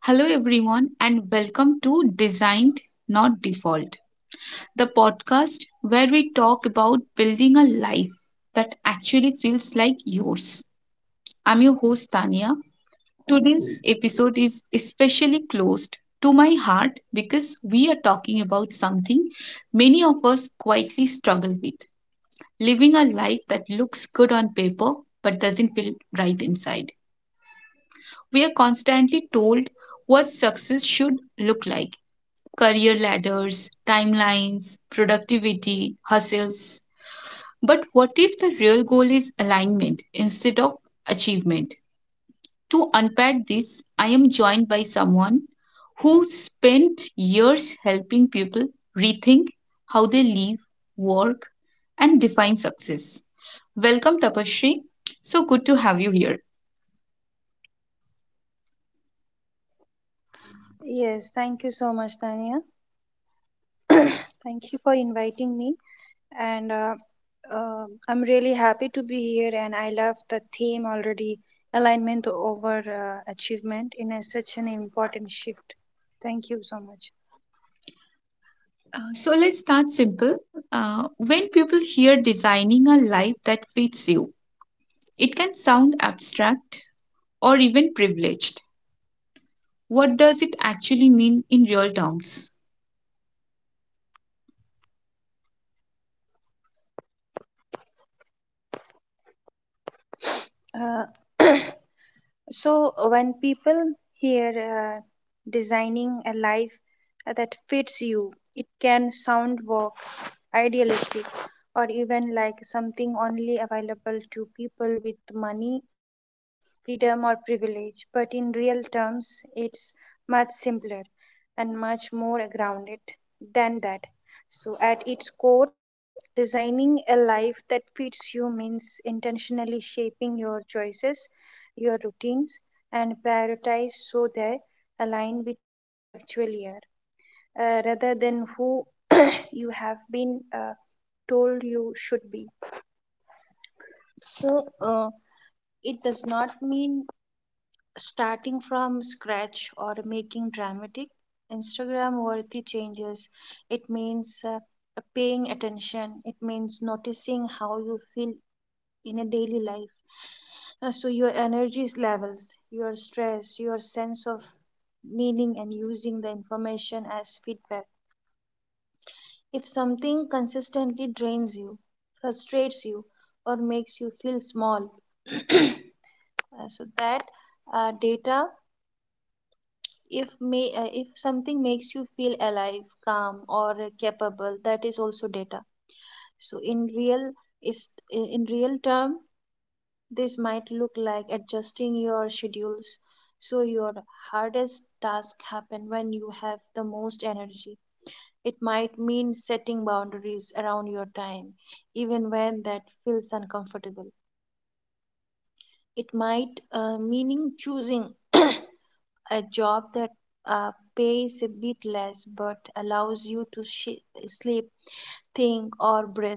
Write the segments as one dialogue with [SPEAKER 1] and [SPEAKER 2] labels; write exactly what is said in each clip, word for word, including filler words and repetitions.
[SPEAKER 1] Hello, everyone, and welcome to Designed Not Default, the podcast where we talk about building a life that actually feels like yours. I'm your host, Tania. Today's episode is especially close to my heart because we are talking about something many of us quietly struggle with living a life that looks good on paper but doesn't feel right inside. We are constantly told what success should look like career ladders, timelines, productivity, hustles. But what if the real goal is alignment instead of achievement? To unpack this, I am joined by someone who spent years helping people rethink how they live, work, and define success. Welcome, Tapashri. So good to have you here.
[SPEAKER 2] Yes, thank you so much, Tanya. Thank you inviting me. And uh, uh, I'm really happy to be here. And I love the theme already, alignment over uh, achievement, in a, such an important shift. Thank you so much.
[SPEAKER 1] Uh, so let's start simple. Uh, when people hear designing a life that fits you, it can sound abstract or even privileged. What does it actually mean in real terms?
[SPEAKER 2] Uh, so, when people hear uh, designing a life that fits you, it can sound vague, idealistic, or even like something only available to people with money, freedom, or privilege. But in real terms, it's much simpler and much more grounded than that. So, at its core, designing a life that fits you means intentionally shaping your choices, your routines, and prioritize so they align with who you actually are, uh, rather than who you have been, uh, told you should be. So uh, it does not mean starting from scratch or making dramatic Instagram worthy changes. It means uh, paying attention. It means noticing how you feel in a daily life. Uh, so your energy levels, your stress, your sense of meaning, and using the information as feedback. If something consistently drains you, frustrates you, or makes you feel small, so that uh, data, if may uh, if something makes you feel alive, calm, or capable, that is also data. So in real is in in real term this might look like adjusting schedules so your hardest task happen when you have the most energy. It might mean setting boundaries around your time even when that feels uncomfortable. It might uh, meaning choosing a job that uh, pays a bit less but allows you to shi sleep, think, or breathe.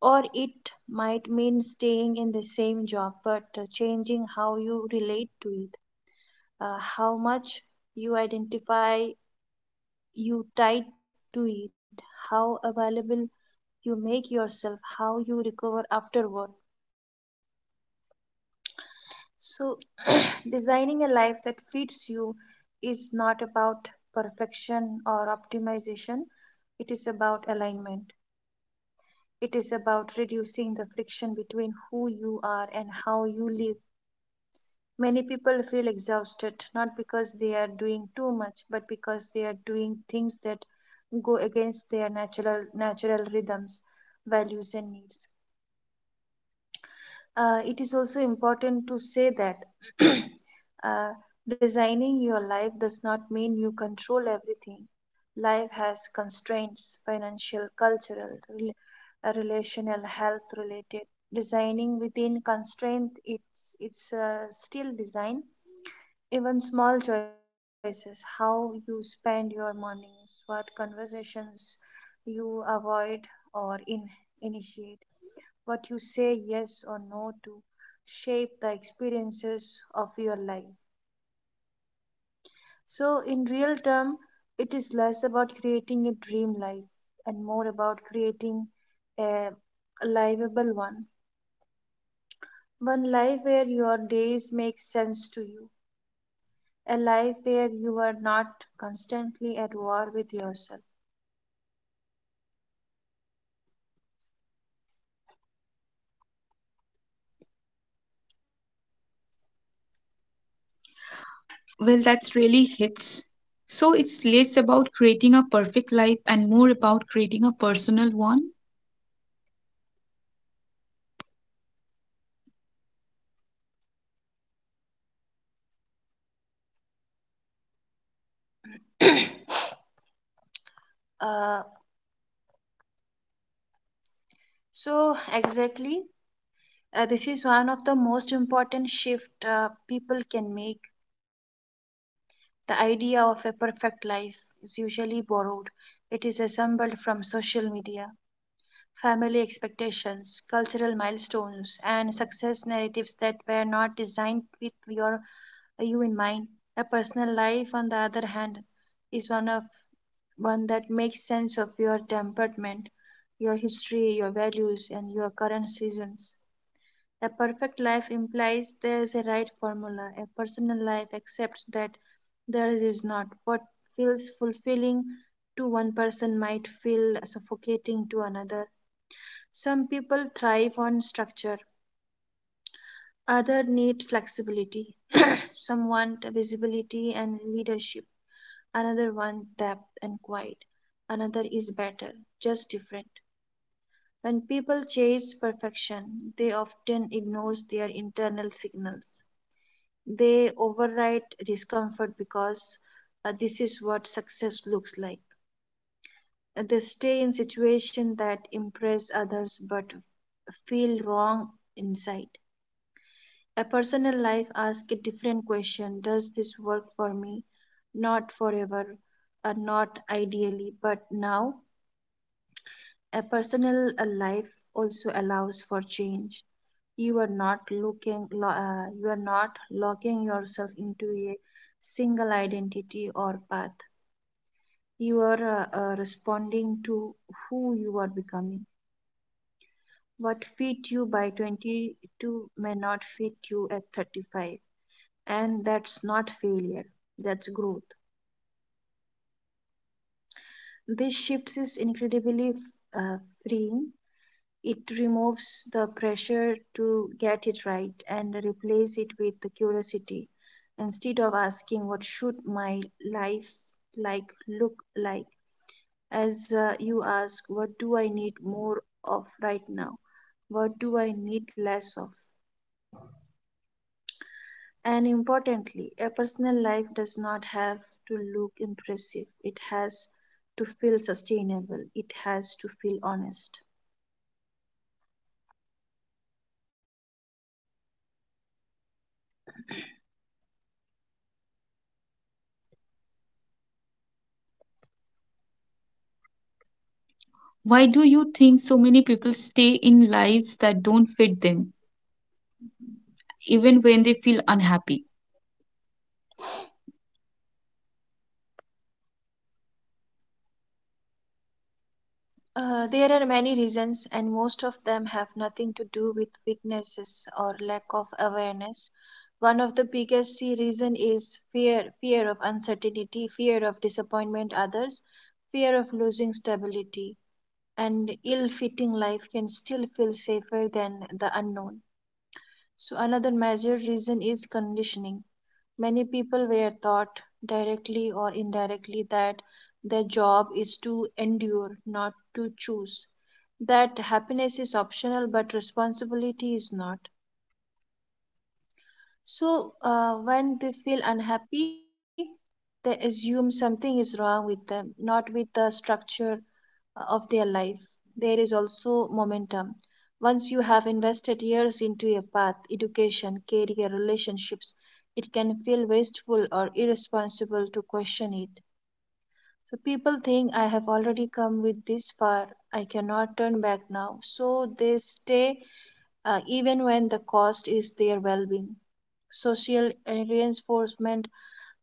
[SPEAKER 2] Or it might mean staying in the same job but uh, changing how you relate to it, uh, how much you identify you tied to it, how available you make yourself, how you recover afterward. So, designing a life that fits you is not about perfection or optimization, it is about alignment. It is about reducing the friction between who you are and how you live. Many people feel exhausted not because they are doing too much, but because they are doing things that go against their natural natural rhythms, values, and needs. Uh, it is also important to say that uh, designing your life does not mean you control everything. Life has constraints, financial, cultural, rel- uh, relational, health related. Designing within constraint, it's, it's uh, still design. Even small choices, how you spend your mornings, what conversations you avoid or in, initiate, what you say yes or no to, shape the experiences of your life. So, in real term, it is less about creating a dream life and more about creating a livable one. One life where your days make sense to you, a life where you are not constantly at war with yourself.
[SPEAKER 1] Well, that's really hits. So it's less about creating a perfect life and more about creating a personal one.
[SPEAKER 2] Uh, so, exactly, uh, this is one of the most important shift uh, people can make. The idea of a perfect life is usually borrowed. It is assembled from social media, family expectations, cultural milestones, and that were not designed with your uh, you in mind. A personal life, on the other hand, is one of one that makes sense of your temperament, your history, your values, and your current seasons. A perfect life implies there is a right formula. A personal life accepts that theirs is not. What feels fulfilling to one person might feel suffocating to another. Some people thrive on structure, others need flexibility. Some want visibility and leadership, another want depth and quiet. Another is better, just different. When people chase perfection, they often ignore their internal signals. They override discomfort because uh, this is what success looks like. Uh, They stay in situations that impress others but feel wrong inside. A personal life asks a different question. Does this work for me? Not forever, uh, not ideally, but now. A personal uh, life also allows for change. You are not looking, lo- uh, you are not locking yourself into a single identity or path. You are uh, uh, responding to who you are becoming. What fit you by twenty-two may not fit you at thirty-five, and that's not failure. That's growth. This shift is incredibly uh, freeing. It removes the pressure to get it right and replace it with the curiosity. Instead of asking what should my life like look like, as uh, you ask, what do I need more of right now, what do I need less of? And importantly, a personal life does not have to look impressive, it has to feel sustainable, it has to feel honest.
[SPEAKER 1] Why do you think so many people stay in lives that don't fit them, even when they feel unhappy?
[SPEAKER 2] Uh, there are many reasons, and most of them have nothing to do with weaknesses or lack of awareness. One of the biggest se- reason is fear, fear of uncertainty, fear of disappointment others, fear of losing stability. And ill-fitting life can still feel safer than the unknown. So another major reason is conditioning. Many people were taught, directly or indirectly, that their job is to endure, not to choose, that happiness is optional but responsibility is not. So, uh, when they feel unhappy, they assume something is wrong with them, not with the structure uh, of their life. There is also momentum. Once you have invested years into a path, education, career, relationships, it can feel wasteful or irresponsible to question it. So people think, I have already come with this far, I cannot turn back now. So they stay uh, even when the cost is their well being. Social reinforcement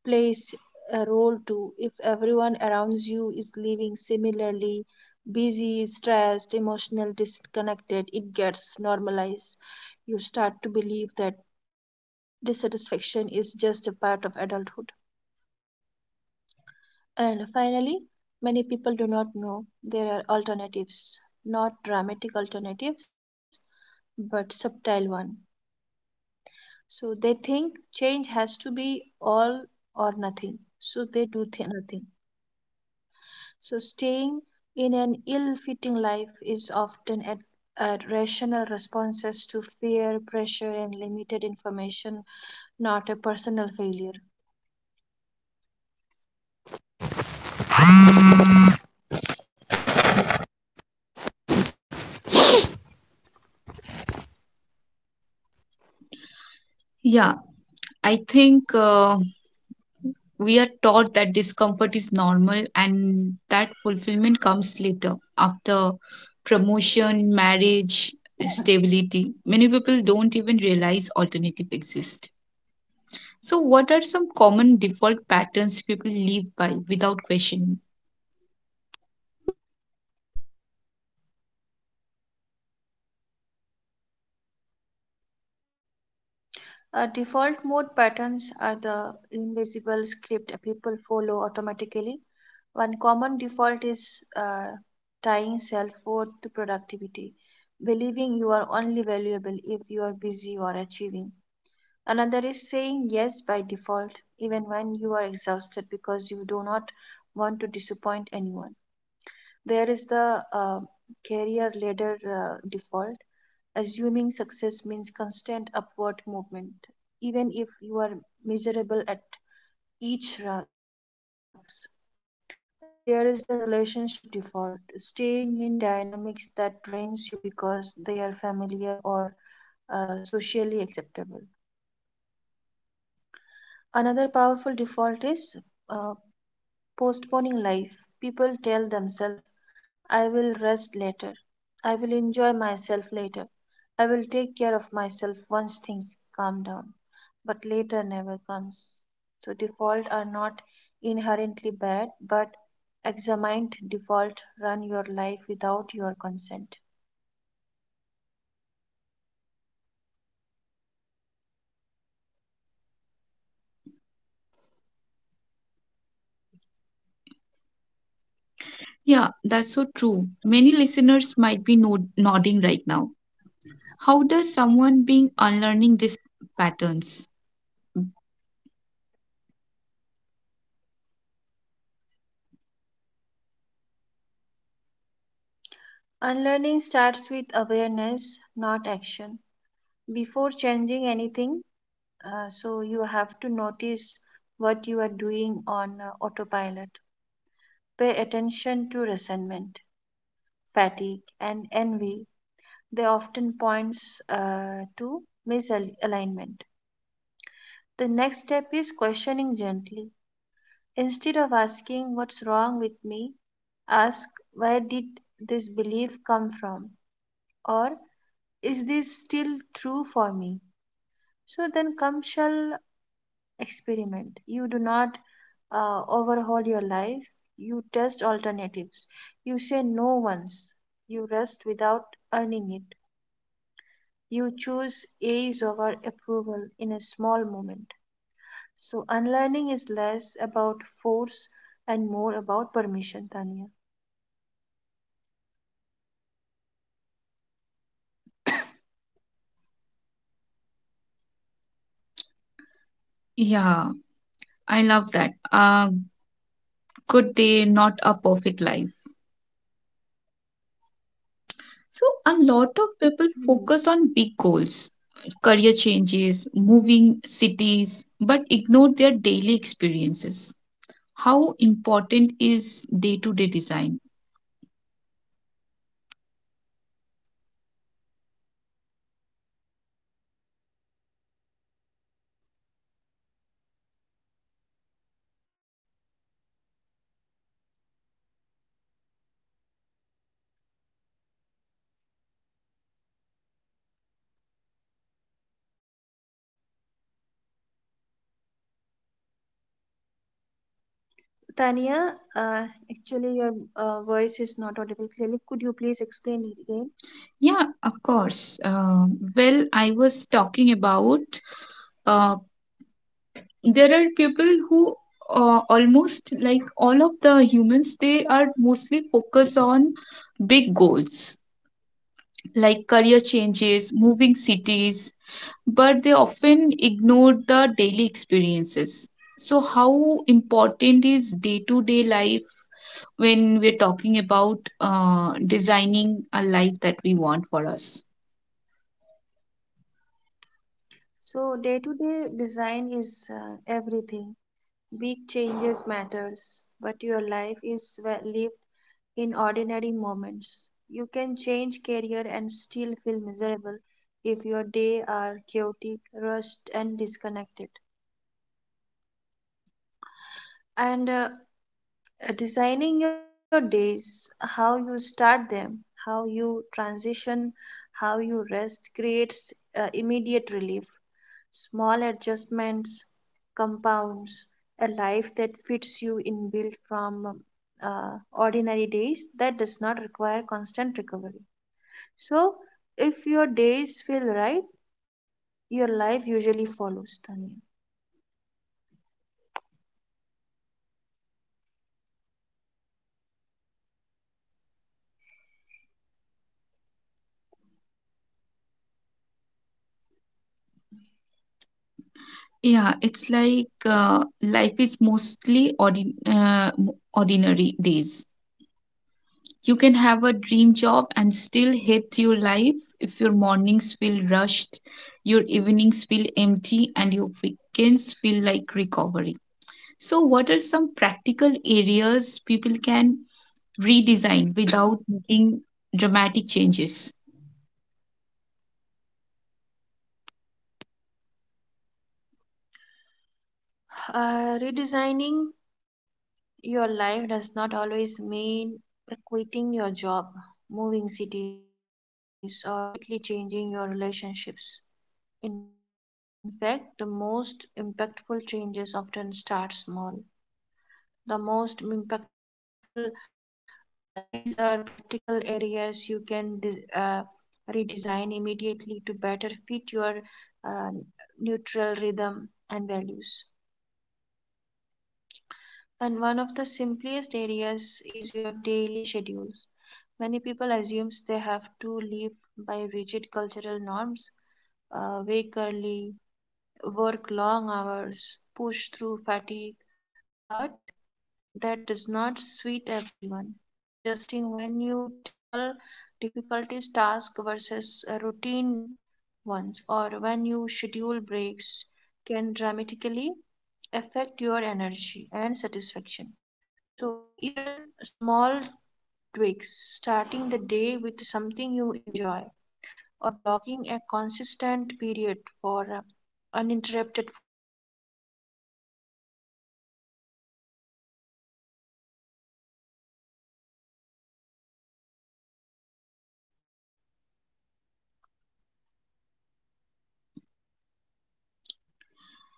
[SPEAKER 2] plays a role too. If everyone around you is living similarly, busy, stressed, emotional, disconnected, it gets normalized. You start to believe that dissatisfaction is just a part of adulthood. And finally, many people do not know there are alternatives, not dramatic alternatives, but subtle one. So they think change has to be all or nothing. So they do th- nothing. So staying in an ill-fitting life is often at, at rational responses to fear, pressure, and limited information, not a personal failure.
[SPEAKER 1] Yeah, I think uh, we are taught that discomfort is normal and that fulfillment comes later, after promotion, marriage, stability. Many people don't even realize alternative exist. So, what are some common default patterns people live by without questioning?
[SPEAKER 2] Uh, default mode patterns are the invisible script people follow automatically. One common default is uh, tying self worth to productivity, believing you are only valuable if you are busy or achieving. Another is saying yes by default, even when you are exhausted because you do not want to disappoint anyone. There is the uh, career ladder uh, default, assuming success means constant upward movement, even if you are miserable at each rugs. Uh, there is the relationship default, staying in dynamics that drains you because they are familiar or uh, socially acceptable. Another powerful default is uh, postponing life. People tell themselves, I will rest later. I will enjoy myself later. I will take care of myself once things calm down. But later never comes. So, defaults are not inherently bad, but examined defaults run your life without your consent.
[SPEAKER 1] Yeah, that's so true. Many listeners might be nod- nodding right now. How does someone being unlearning these patterns?
[SPEAKER 2] Unlearning starts with awareness, not action. Before changing anything, Uh, so you have to notice what you are doing on uh, autopilot. Pay attention to resentment, fatigue, and envy. They often points uh, to misalignment. The next step is questioning gently. Instead of asking what's wrong with me, ask where did this belief come from, or is this still true for me? So then, come shall experiment. You do not uh, overhaul your life, you test alternatives. You say no once, you rest without earning it. You choose ease over approval in a small moment. So, unlearning is less about force and more about permission, Tania.
[SPEAKER 1] Yeah, I love that. A good day, not a perfect life. So, a lot of people
[SPEAKER 2] Mhm.
[SPEAKER 1] focus on big goals, career changes, moving cities, but ignore their daily experiences. How important is day to day design?
[SPEAKER 2] Tania, uh, actually, your uh, voice is not audible clearly. Could you please explain it again?
[SPEAKER 1] Yeah, of course. Uh, well, I was talking about uh, there are people who uh, almost like all of the humans, they are mostly focused on big goals like career changes, moving cities, but they often ignore the daily experiences. So, how important is day to day life when we're talking about uh, designing a life that we want for us?
[SPEAKER 2] So, day to day design is uh, everything. Big changes matters, but your life is well lived in ordinary moments. You can change career and still feel miserable if your day are chaotic, rushed, and disconnected. And uh, uh, Designing your days, how you start them, how you transition, how you rest creates uh, relief. Small adjustments compounds a life that fits you in built from uh, ordinary days that does not require constant recovery. So, if your days feel right, your life usually follows, Tanya.
[SPEAKER 1] Yeah, it's like uh, life is mostly ordin- uh, ordinary days. You can have a dream job and still hate your life if your mornings feel rushed, your evenings feel empty, and your weekends feel like recovery. So, what are some practical areas people can redesign without making dramatic changes?
[SPEAKER 2] Uh, redesigning your life does not always mean quitting your job, moving cities, or completely changing your relationships. In fact, the most impactful changes often start small. The most impactful, uh, these are practical areas you can de- uh, redesign immediately to better fit your uh, neutral rhythm and values. And one of the simplest areas is your daily schedules. Many people assume they have to live by cultural norms, uh, wake early, work long hours, push through fatigue, but that does not suit everyone. Adjusting when you tackle difficulties task versus uh, routine ones or when you schedule breaks can dramatically affect your energy and satisfaction. So even small tweaks, starting the day with something you enjoy or blocking a consistent period for uh, uninterrupted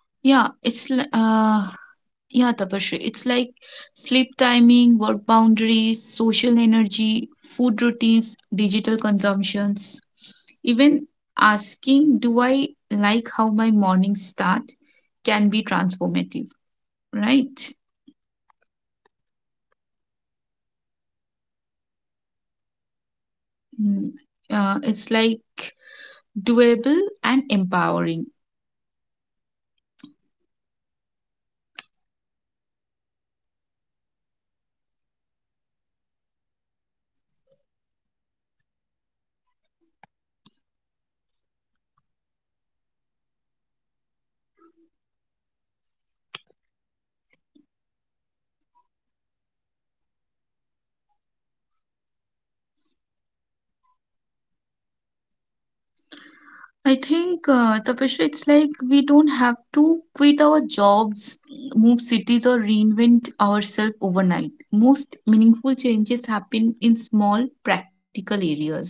[SPEAKER 1] Yeah, it's li- uh, yeah, Tapashri, it's like sleep timing, work boundaries, social energy, food routines, digital consumptions. Even asking, do I like how my mornings start? Can be transformative, right? Mm, uh, it's like doable and empowering. I think, uh, Tapasya, it's like we don't have to quit our jobs, move cities, or reinvent ourselves overnight. Most meaningful changes happen in small, practical areas.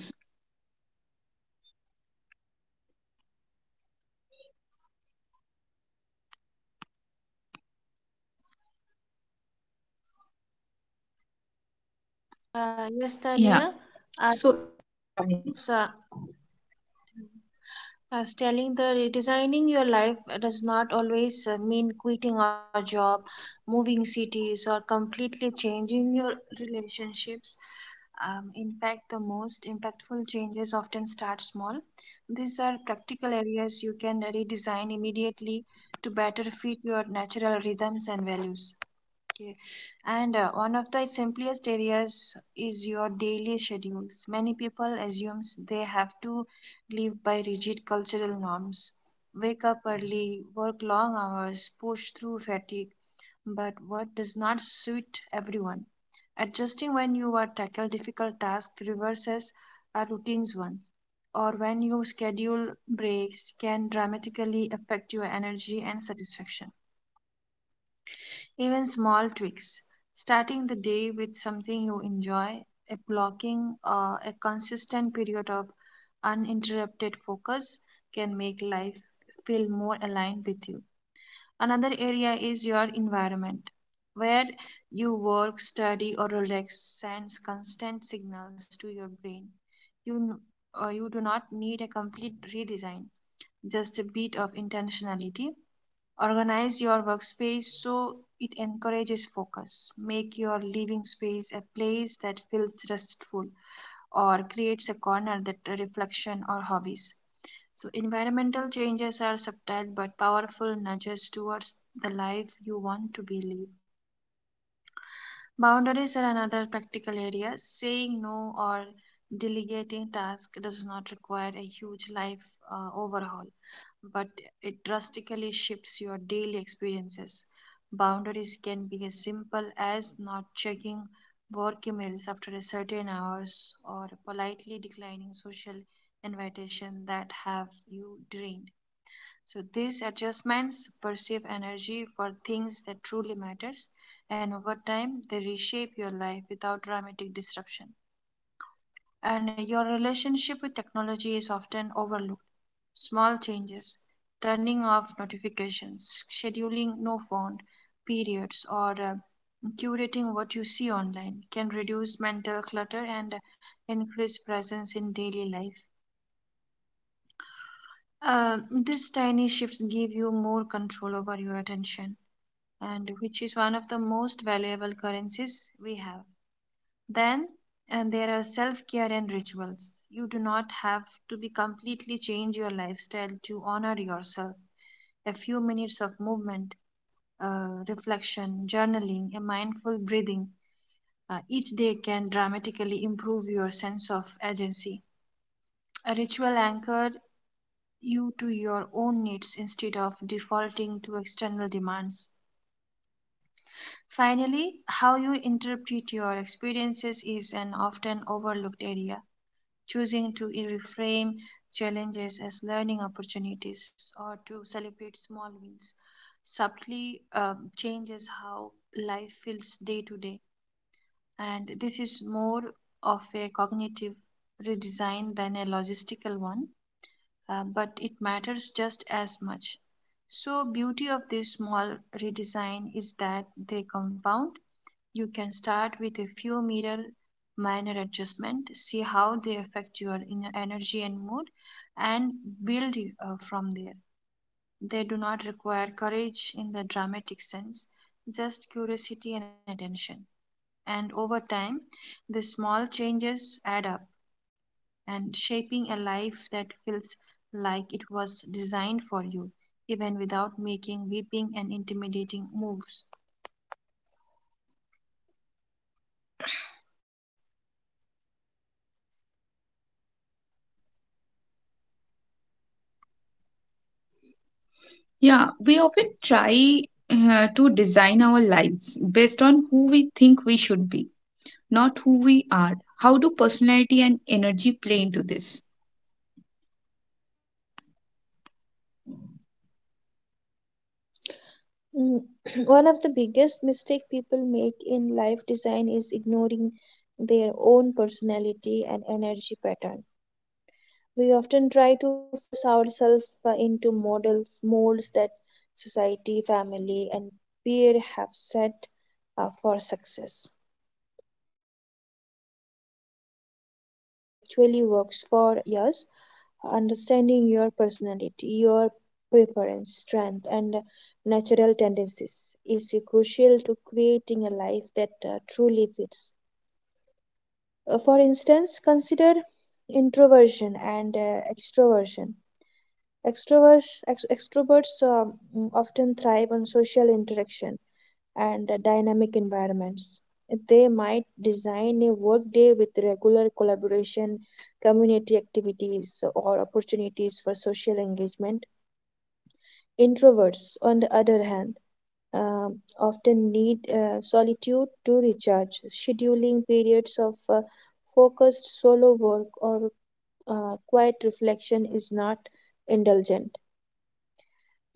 [SPEAKER 1] Yeah.
[SPEAKER 2] Uh, yes,
[SPEAKER 1] So,
[SPEAKER 2] Tania. I was, uh, I was telling that redesigning your life does not always uh, mean quitting our job, moving cities, or completely changing your relationships. Um, in fact, the most impactful changes often start small. These are practical areas you can redesign immediately to better fit rhythms and values. Okay. And uh, one of the simplest areas is your daily schedules. Many people assume they have to live by rigid cultural norms, wake up early, work long hours, push through fatigue. But what does not suit everyone? Adjusting when you are tackle difficult tasks reverses our routines once, or when you schedule breaks can dramatically affect your energy and satisfaction. Even small tweaks, starting the day with something you enjoy, a blocking uh, a consistent period of uninterrupted focus can make life feel more aligned with you. Another area is your environment. Where you work, study, or relax sends constant signals to your brain. You, uh, you do not need a complete redesign, just a bit of intentionality. Organize your workspace so it encourages focus. Make your living space a place that feels restful or creates a corner that reflection or hobbies. So environmental changes are subtle but powerful nudges towards the life you want to be live. Boundaries are another practical area. Saying no or delegating tasks does not require a huge life uh, overhaul, but it drastically shifts your daily experiences. Boundaries can be as simple as not checking work emails after a certain hours or politely declining social invitations that have you drained. So these adjustments perceive energy for things that truly matters and over time they reshape your life without dramatic disruption. And your relationship with technology is often overlooked. Small changes, turning off notifications, scheduling no phone periods or uh, curating what you see online can reduce mental clutter and increase presence in daily life. Uh, these tiny shifts give you more control over your attention and which is one of the most valuable currencies we have. Then, and there are self care and rituals. You do not have to be completely change your lifestyle to honor yourself. A few minutes of movement, uh, reflection, journaling, and mindful breathing uh, each day can dramatically improve your sense of agency. A ritual anchored you to your own needs instead of defaulting to external demands. Finally, how you interpret your experiences is an often overlooked area. Choosing to reframe challenges as learning opportunities or to celebrate small wins subtly um, changes how life feels day to day. And this is more of a cognitive redesign than a logistical one, uh, but it matters just as much. So beauty of this small redesign is that they compound you can start with a few mirror minor adjustments, see how they affect your inner energy and mood, and build uh, from there. They do not require courage in the dramatic sense, just curiosity and attention. And over time, the small changes add up and shaping a life that feels like it was designed for you, even without making weeping and intimidating moves.
[SPEAKER 1] yeah, we often try uh, to design our lives based on who we think we should be, not who we are. How do personality and energy play into this?
[SPEAKER 2] Mm. One of the biggest mistake people make in life design is ignoring their own personality and energy pattern. We often try to force ourselves uh, into models, molds that society, family, and peer have set uh, for success. Instead of paying attention to what actually works for us, understanding your personality, your preference, strength, and natural tendencies is crucial to creating a life that uh, truly fits. Uh, for instance, consider introversion and uh, extroversion. Extroverts, ex- extroverts um, often thrive on social interaction and dynamic environments. They might design a workday with regular collaboration, community activities, or opportunities for social engagement. Introverts, on the other hand, um, often need uh, solitude to recharge, scheduling periods of uh, focused solo work or uh, quiet reflection is not indulgent.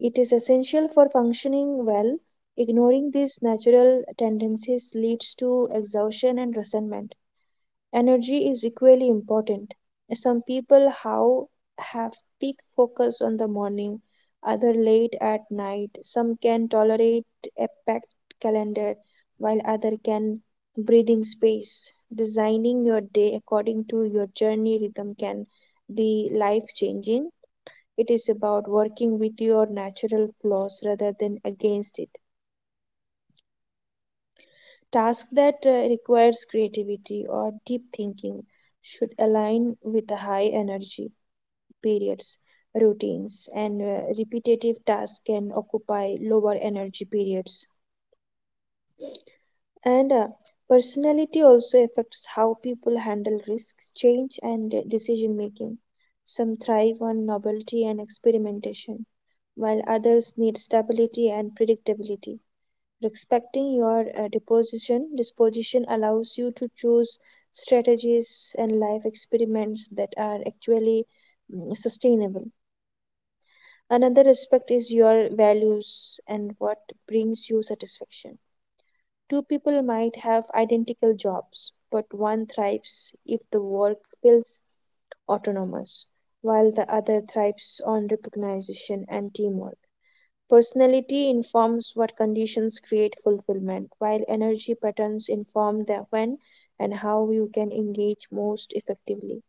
[SPEAKER 2] It is essential for functioning well. Ignoring these natural tendencies leads to exhaustion and resentment. Energy is equally important. Some people how have peak focus on the morning, other late at night. Some can tolerate a packed calendar while other can breathing space. Designing your day according to your journey rhythm can be life changing. It is about working with your natural flaws rather than against it. Tasks that uh, requires creativity or deep thinking should align with the high energy periods, routines, and uh, repetitive tasks can occupy lower energy periods. And uh, personality also affects how people handle risks, change, and decision making. Some thrive on novelty and experimentation, while others need and predictability. Restriction, disposal stress and life are actually mm, sustainable. Another aspect is your values and what brings satisfaction. Two people might have identical jobs, but one thrives if the work feels autonomous, while the other thrives on recognition and teamwork. Personality informs what conditions create fulfillment, while energy patterns inform the when and how you can engage most effectively.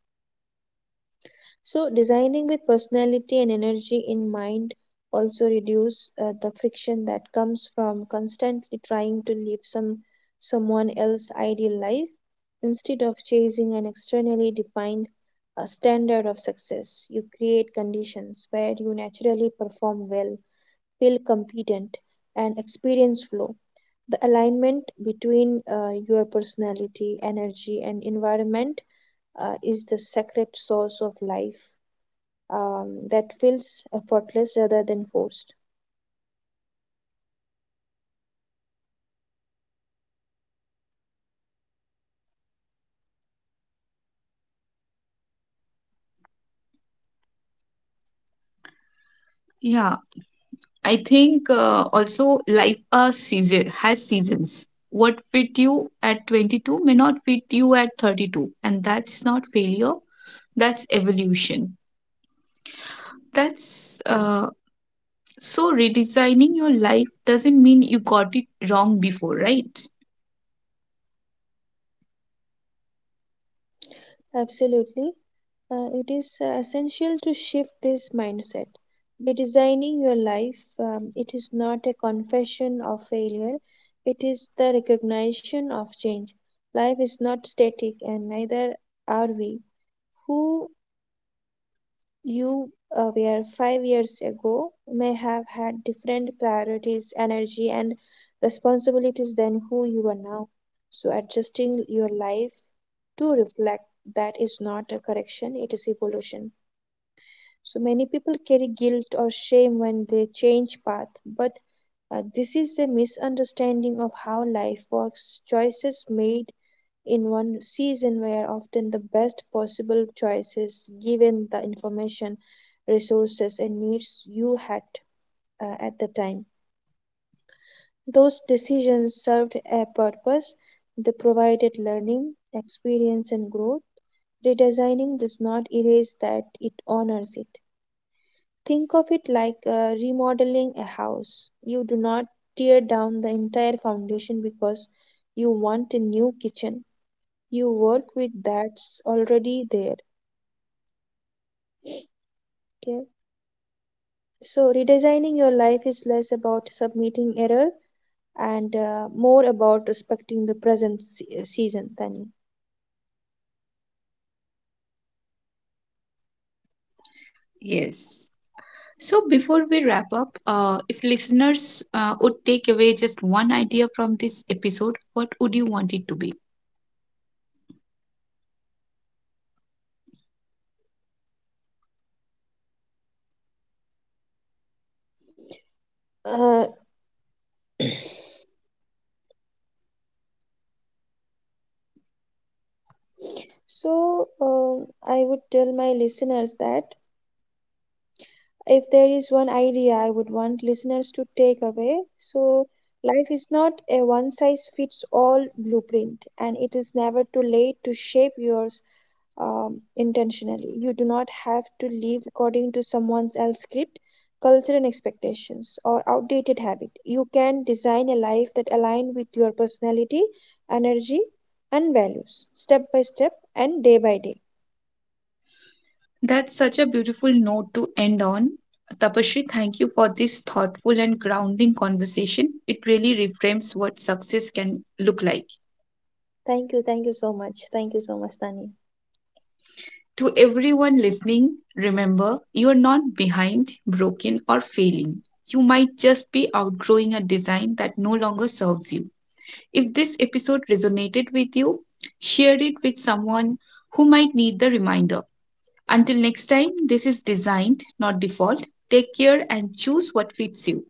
[SPEAKER 2] So designing with personality and energy in mind also reduce uh, the friction that comes from constantly trying to live some someone else's ideal life instead of chasing an externally defined uh, standard of success. You create conditions where you naturally perform well, feel competent, and experience flow. The alignment between uh, your personality, energy, and environment uh, is the sacred source of life um, that feels effortless rather than forced.
[SPEAKER 1] Yeah, I think uh, also life a season has seasons. What fit you at twenty-two may not fit you at thirty-two, and that's not failure, that's evolution. That's uh, so redesigning your life doesn't mean you got it wrong before, right?
[SPEAKER 2] Absolutely. Uh, it is uh, essential to shift this mindset. Redesigning your life, um, it is not a confession of failure, it is the recognition of change. Life is not static, and neither are we. Who you uh, were five years ago may have had different priorities, energy, and responsibilities than who you are now. So, adjusting your life to reflect that is not a correction, it is evolution. So, many people carry guilt or shame when they change path, but uh, this is a misunderstanding of how life works. Choices made in one season were often the best possible choices given the information resources and needs you had uh, at the time. Those decisions served a purpose, they provided learning, experience, and growth. Redesigning does not erase that, it honors it. Think of it like uh, remodeling a house. You do not tear down the entire foundation because you want a new kitchen. You work with that's already there. Okay. So redesigning your life is less about submitting error and uh, more about respecting the present se- season than.
[SPEAKER 1] Yes. So, before we wrap up, uh, if listeners uh, would take away just one idea from this episode, what would you want it to be?
[SPEAKER 2] Uh, so, um I would tell my listeners that if there is one idea I would want listeners to take away, so life is not a one size fits all blueprint, and it is never too late to shape yours um, intentionally. You do not have to live according to someone else's script, culture, and expectations, or outdated habit. You can design a life that aligns with your personality, energy, and values, step by step and day by day.
[SPEAKER 1] That's such a beautiful note to end on. Tapashri, thank you for this thoughtful and grounding conversation. It really reframes what success can look like. To everyone listening, remember you're not behind, broken, or failing. You might just be outgrowing a design that no longer serves you. If this episode resonated with you, share it with someone who might need the reminder. Until next time, this is Designed, not Default. Take care and choose what fits you.